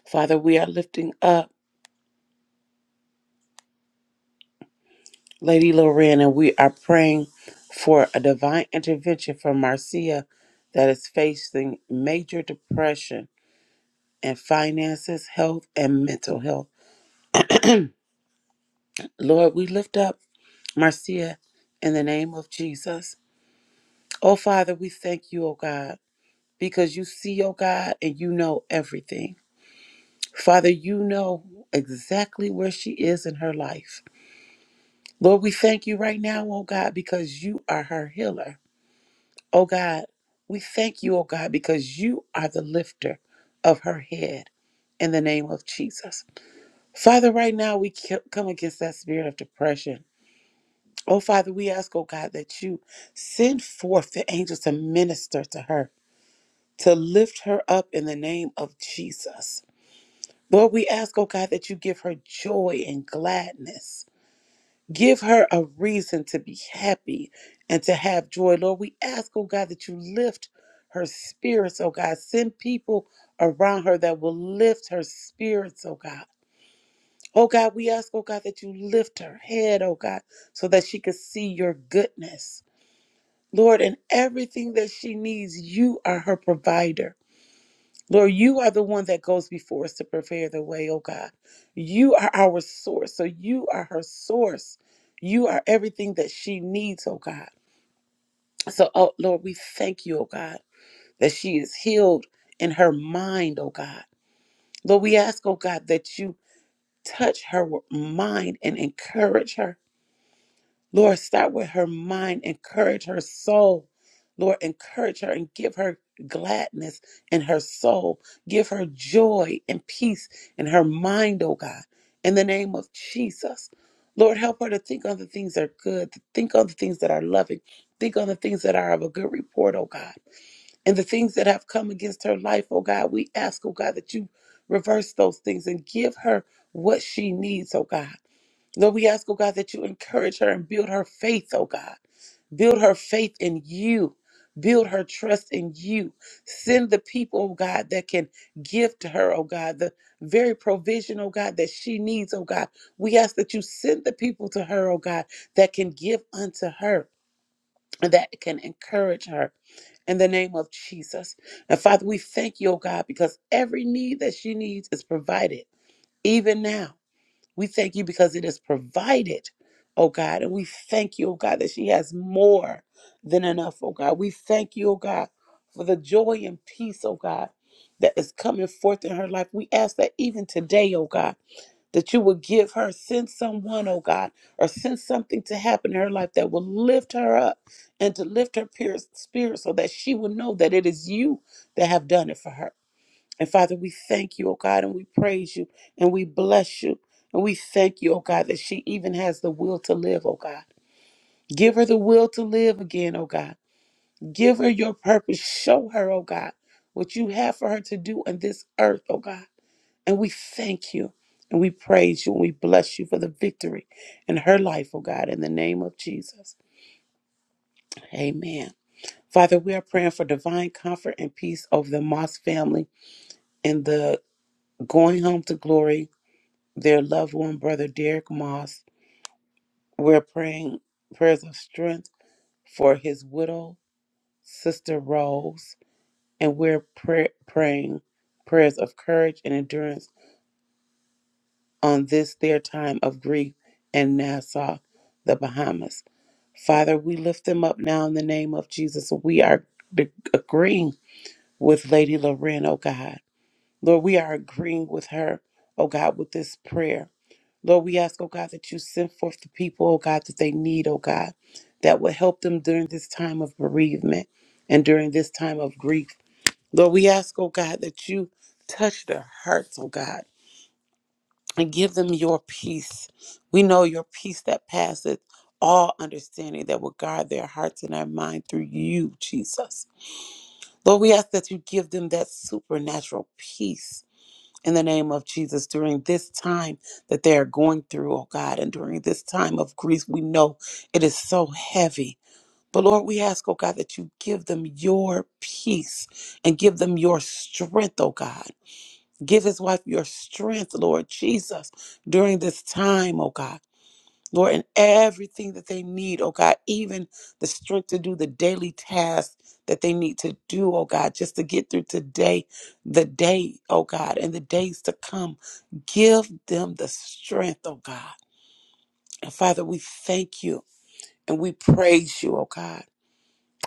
Father, we are lifting up. Lady Lorraine, and we are praying for a divine intervention for Marcia that is facing major depression and finances, health, and mental health. Lord, we lift up Marcia in the name of Jesus. Oh, Father, we thank you, oh God, because you see, oh God, and you know everything. Father, you know exactly where she is in her life. Lord, we thank you right now, oh God, because you are her healer. Oh God, we thank you, oh God, because you are the lifter of her head in the name of Jesus. Father, right now we c- come against that spirit of depression. Oh Father, we ask, oh God, that you send forth the angels to minister to her, to lift her up in the name of Jesus. Lord, we ask, oh God, that you give her joy and gladness. Give her a reason to be happy and to have joy. Lord, we ask, oh God, that you lift her spirits, oh God. Send people around her that will lift her spirits, oh God. Oh God, we ask, oh God, that you lift her head, oh God, so that she can see your goodness. Lord, in everything that she needs, you are her provider. Lord, you are the one that goes before us to prepare the way, oh God. You are our source. So you are her source. You are everything that she needs, oh God. So, oh Lord, we thank you, oh God, that she is healed in her mind, oh God. Lord, we ask, oh God, that you touch her mind and encourage her Lord, start with her mind, encourage her soul. Lord, encourage her and give her gladness in her soul. Give her joy and peace in her mind, oh God, in the name of Jesus. Lord, help her to think on the things that are good, to think on the things that are loving, think on the things that are of a good report, oh God. And the things that have come against her life, oh God, we ask, oh God, that you reverse those things and give her what she needs, oh God. Lord, we ask, oh God, that you encourage her and build her faith, oh God. Build her faith in you. Build her trust in you. Send the people, oh God, that can give to her, oh God, the very provision, oh God, that she needs, oh God. We ask that you send the people to her, oh God, that can give unto her, and that can encourage her in the name of Jesus. And Father, we thank you, oh God, because every need that she needs is provided, even now. We thank you because it is provided, oh God. And we thank you, oh God, that she has more than enough, oh God. We thank you, oh God, for the joy and peace, oh God, that is coming forth in her life. We ask that even today, oh God, that you would give her, send someone, oh God, or send something to happen in her life that will lift her up and to lift her peer- spirit so that she will know that it is you that have done it for her. And Father, we thank you, oh God, and we praise you and we bless you. And we thank you, oh God, that she even has the will to live, oh God. Give her the will to live again, oh God. Give her your purpose. Show her, oh God, what you have for her to do on this earth, oh God. And we thank you and we praise you and we bless you for the victory in her life, oh God, in the name of Jesus. Amen. Father, we are praying for divine comfort and peace over the Moss family and the going home to glory their loved one, Brother Derek Moss. We're praying prayers of strength for his widow, Sister Rose, and we're pray- praying prayers of courage and endurance on this their time of grief in Nassau, the Bahamas. Father, we lift them up now in the name of Jesus. We are de- agreeing with Lady Loren, oh God. Lord, we are agreeing with her, oh God, with this prayer. Lord, we ask, oh God, that you send forth the people, oh God, that they need, oh God, that will help them during this time of bereavement and during this time of grief. Lord, we ask, oh God, that you touch their hearts, oh God, and give them your peace. We know your peace that passeth all understanding that will guard their hearts and their mind through you, Jesus. Lord, we ask that you give them that supernatural peace in the name of Jesus during this time that they are going through, oh God, and during this time of grief, we know it is so heavy. But Lord, we ask, oh God, that you give them your peace and give them your strength, oh God. Give his wife your strength, Lord Jesus, during this time, oh God. Lord, in everything that they need, oh God, even the strength to do the daily tasks that they need to do, oh God, just to get through today, the day, oh God, and the days to come. Give them the strength, oh God. And Father, we thank you and we praise you, oh God.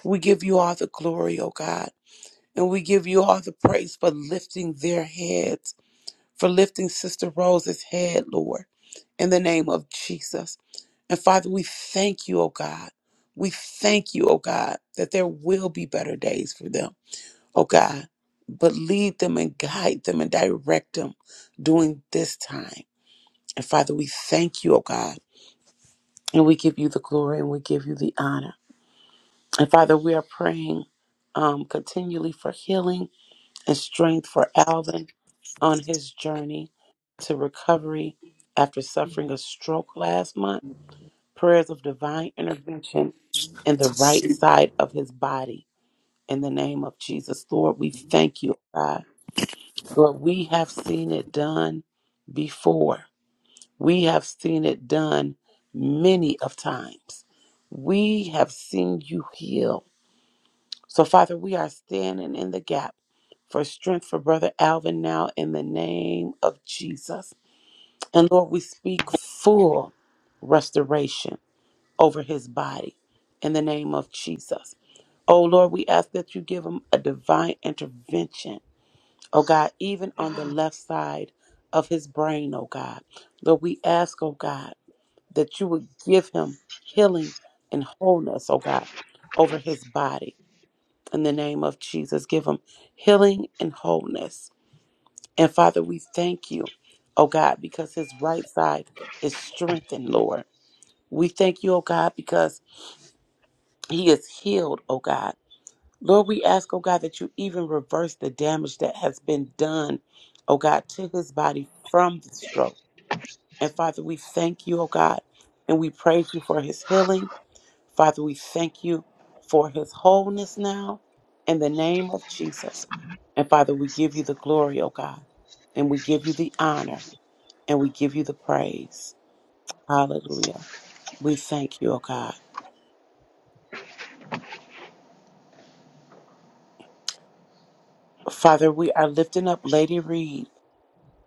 We give you all the glory, oh God, and we give you all the praise for lifting their heads, for lifting Sister Rose's head, Lord, in the name of Jesus. And Father, we thank you, oh God. We thank you, oh God, that there will be better days for them, oh God. But lead them and guide them and direct them during this time. And Father, we thank you, oh God. And we give you the glory and we give you the honor. And Father, we are praying um, continually for healing and strength for Alvin on his journey to recovery after suffering a stroke last month. prayers of divine intervention in the right side of his body. In the name of Jesus, Lord, we thank you, God. Lord, we have seen it done before. We have seen it done many of times. We have seen you heal. So, Father, we are standing in the gap for strength for Brother Alvin now in the name of Jesus. And Lord, we speak full restoration over his body in the name of Jesus. Oh Lord, we ask that you give him a divine intervention, oh God, even on the left side of his brain, oh God. Lord, we ask, oh God, that you would give him healing and wholeness, oh God, over his body in the name of Jesus. Give him healing and wholeness. And Father, we thank you, oh God, because his right side is strengthened, Lord. We thank you, oh God, because He is healed, oh God. Lord, we ask, oh God, that you even reverse the damage that has been done, oh God, to his body from the stroke. And Father, we thank you, oh God, and we praise you for his healing. Father, we thank you for his wholeness now in the name of Jesus. And Father, we give you the glory, oh God, and we give you the honor, and we give you the praise. Hallelujah. We thank you, oh God. Father, we are lifting up Lady Reed.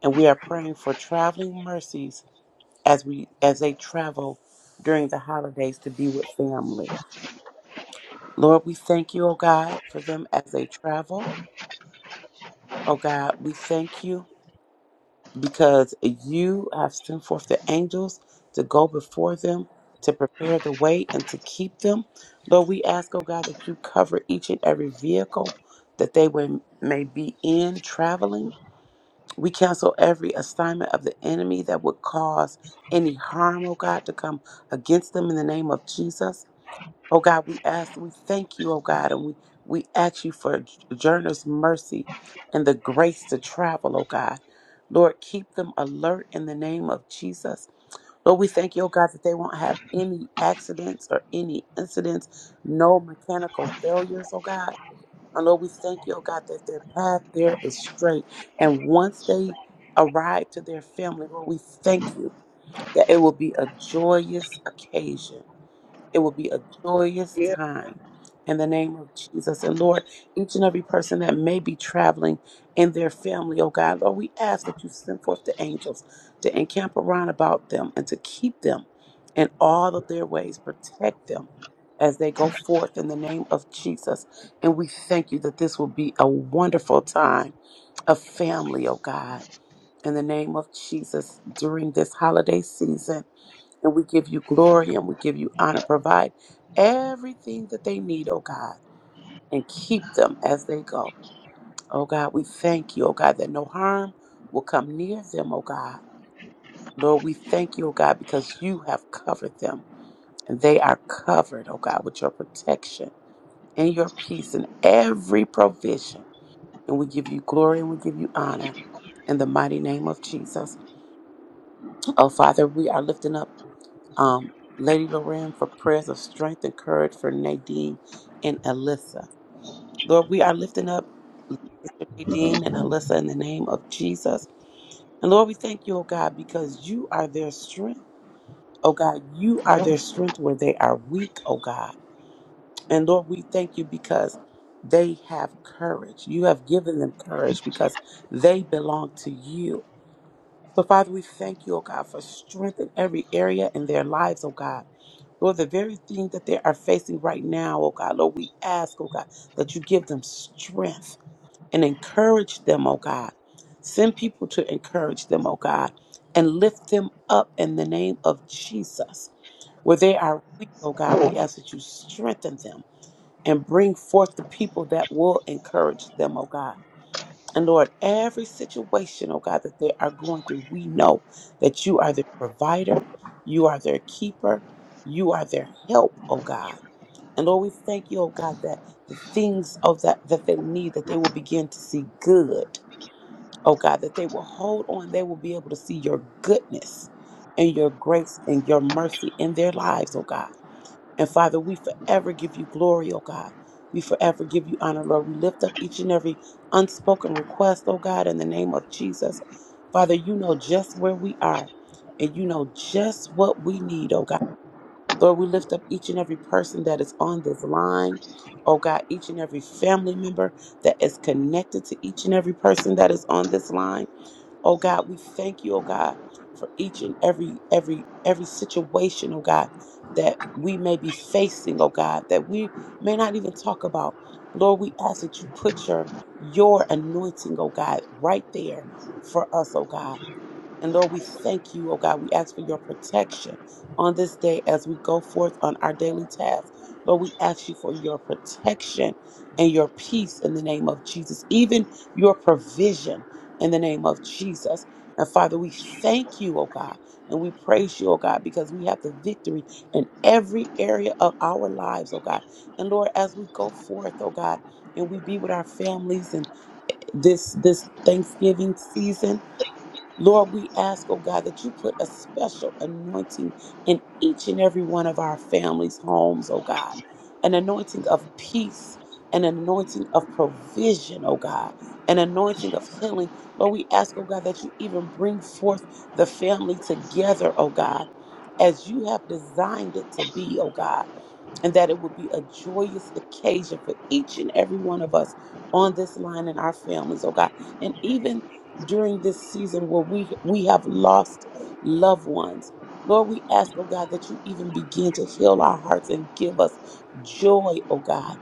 and we are praying for traveling mercies as we as they travel during the holidays to be with family. Lord, we thank you, oh God, for them as they travel. Oh God, we thank you because you have sent forth the angels to go before them to prepare the way and to keep them. Lord, we ask, oh God, that you cover each and every vehicle that they would, may be in traveling. We cancel every assignment of the enemy that would cause any harm, oh God, to come against them in the name of Jesus. Oh God, we ask, we thank you, oh God, and we, we ask you for journey's mercy and the grace to travel, oh God. Lord, keep them alert in the name of Jesus. Lord, we thank you, oh God, that they won't have any accidents or any incidents, no mechanical failures, oh God. And Lord, we thank you, oh God, that their path there is straight. And once they arrive to their family, Lord, we thank you that it will be a joyous occasion it will be a joyous time in the name of Jesus. And Lord, each and every person that may be traveling in their family, oh God, Lord, we ask that you send forth the angels to encamp around about them and to keep them in all of their ways, protect them as they go forth in the name of Jesus. And we thank you that this will be a wonderful time of family, oh God, in the name of Jesus during this holiday season. And we give you glory and we give you honor. Provide everything that they need, oh God, and keep them as they go. Oh God, we thank you, oh God, that no harm will come near them, oh God. Lord, we thank you, oh God, because you have covered them and they are covered, oh God, with your protection and your peace and every provision. And we give you glory and we give you honor in the mighty name of Jesus. Oh, Father, we are lifting up. um, Lady Loren, for prayers of strength and courage for Nadine and Alyssa. Lord, we are lifting up Sister Nadine and Alyssa in the name of Jesus. And Lord, we thank you, oh God, because you are their strength. Oh God, you are their strength where they are weak, oh God. And Lord, we thank you because they have courage. You have given them courage because they belong to you. So, Father, we thank you, oh God, for strength in every area in their lives, oh God. Lord, the very thing that they are facing right now, oh God, Lord, we ask, oh God, that you give them strength and encourage them, oh God. Send people to encourage them, oh God, and lift them up in the name of Jesus. Where they are weak, oh God, we ask that you strengthen them and bring forth the people that will encourage them, oh God. And Lord, every situation, oh God, that they are going through, we know that you are their provider, you are their keeper, you are their help, oh God. And Lord, we thank you, oh God, that the things of that that they need, that they will begin to see good, oh God, that they will hold on, they will be able to see your goodness and your grace and your mercy in their lives, oh God. And Father, we forever give you glory, oh God. We forever give you honor, Lord. We lift up each and every unspoken request, oh God, in the name of Jesus. Father, you know just where we are and you know just what we need, oh God. Lord, we lift up each and every person that is on this line, oh God, each and every family member that is connected to each and every person that is on this line. Oh God, we thank you, oh God, for each and every every every situation, oh God, that we may be facing, oh God, that we may not even talk about. Lord, we ask that you put your your anointing, oh God, right there for us, oh God. And Lord, we thank you, oh God. We ask for your protection on this day as we go forth on our daily task. Lord, we ask you for your protection and your peace in the name of Jesus, even your provision in the name of Jesus. And Father, we thank you, oh God, and we praise you, oh God, because we have the victory in every area of our lives, oh God. And Lord, as we go forth, oh God, and we be with our families and this this Thanksgiving season. Lord, we ask, oh God, that you put a special anointing in each and every one of our families' homes, oh God. An anointing of peace, an anointing of provision, oh God, an anointing of healing. Lord, we ask, oh God, that you even bring forth the family together, oh God, as you have designed it to be, oh God and that it would be a joyous occasion for each and every one of us on this line and our families, oh God. And even during this season where we we have lost loved ones. Lord, we ask, oh God, that you even begin to heal our hearts and give us joy, oh God.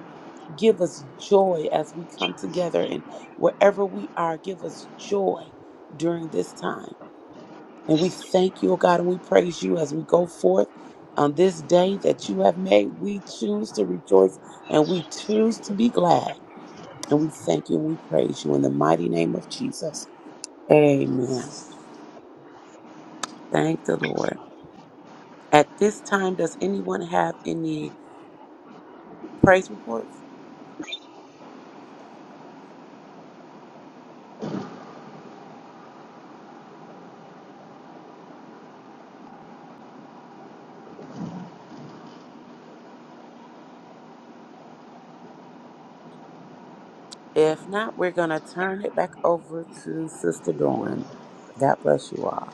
Give us joy as we come together and wherever we are, give us joy during this time. And we thank you, oh God, and we praise you as we go forth on this day that you have made. We choose to rejoice and we choose to be glad. And we thank you and we praise you in the mighty name of Jesus. Amen. Thank the Lord. At this time, does anyone have any praise reports? If not, we're going to turn it back over to Sister Dawn. God bless you all.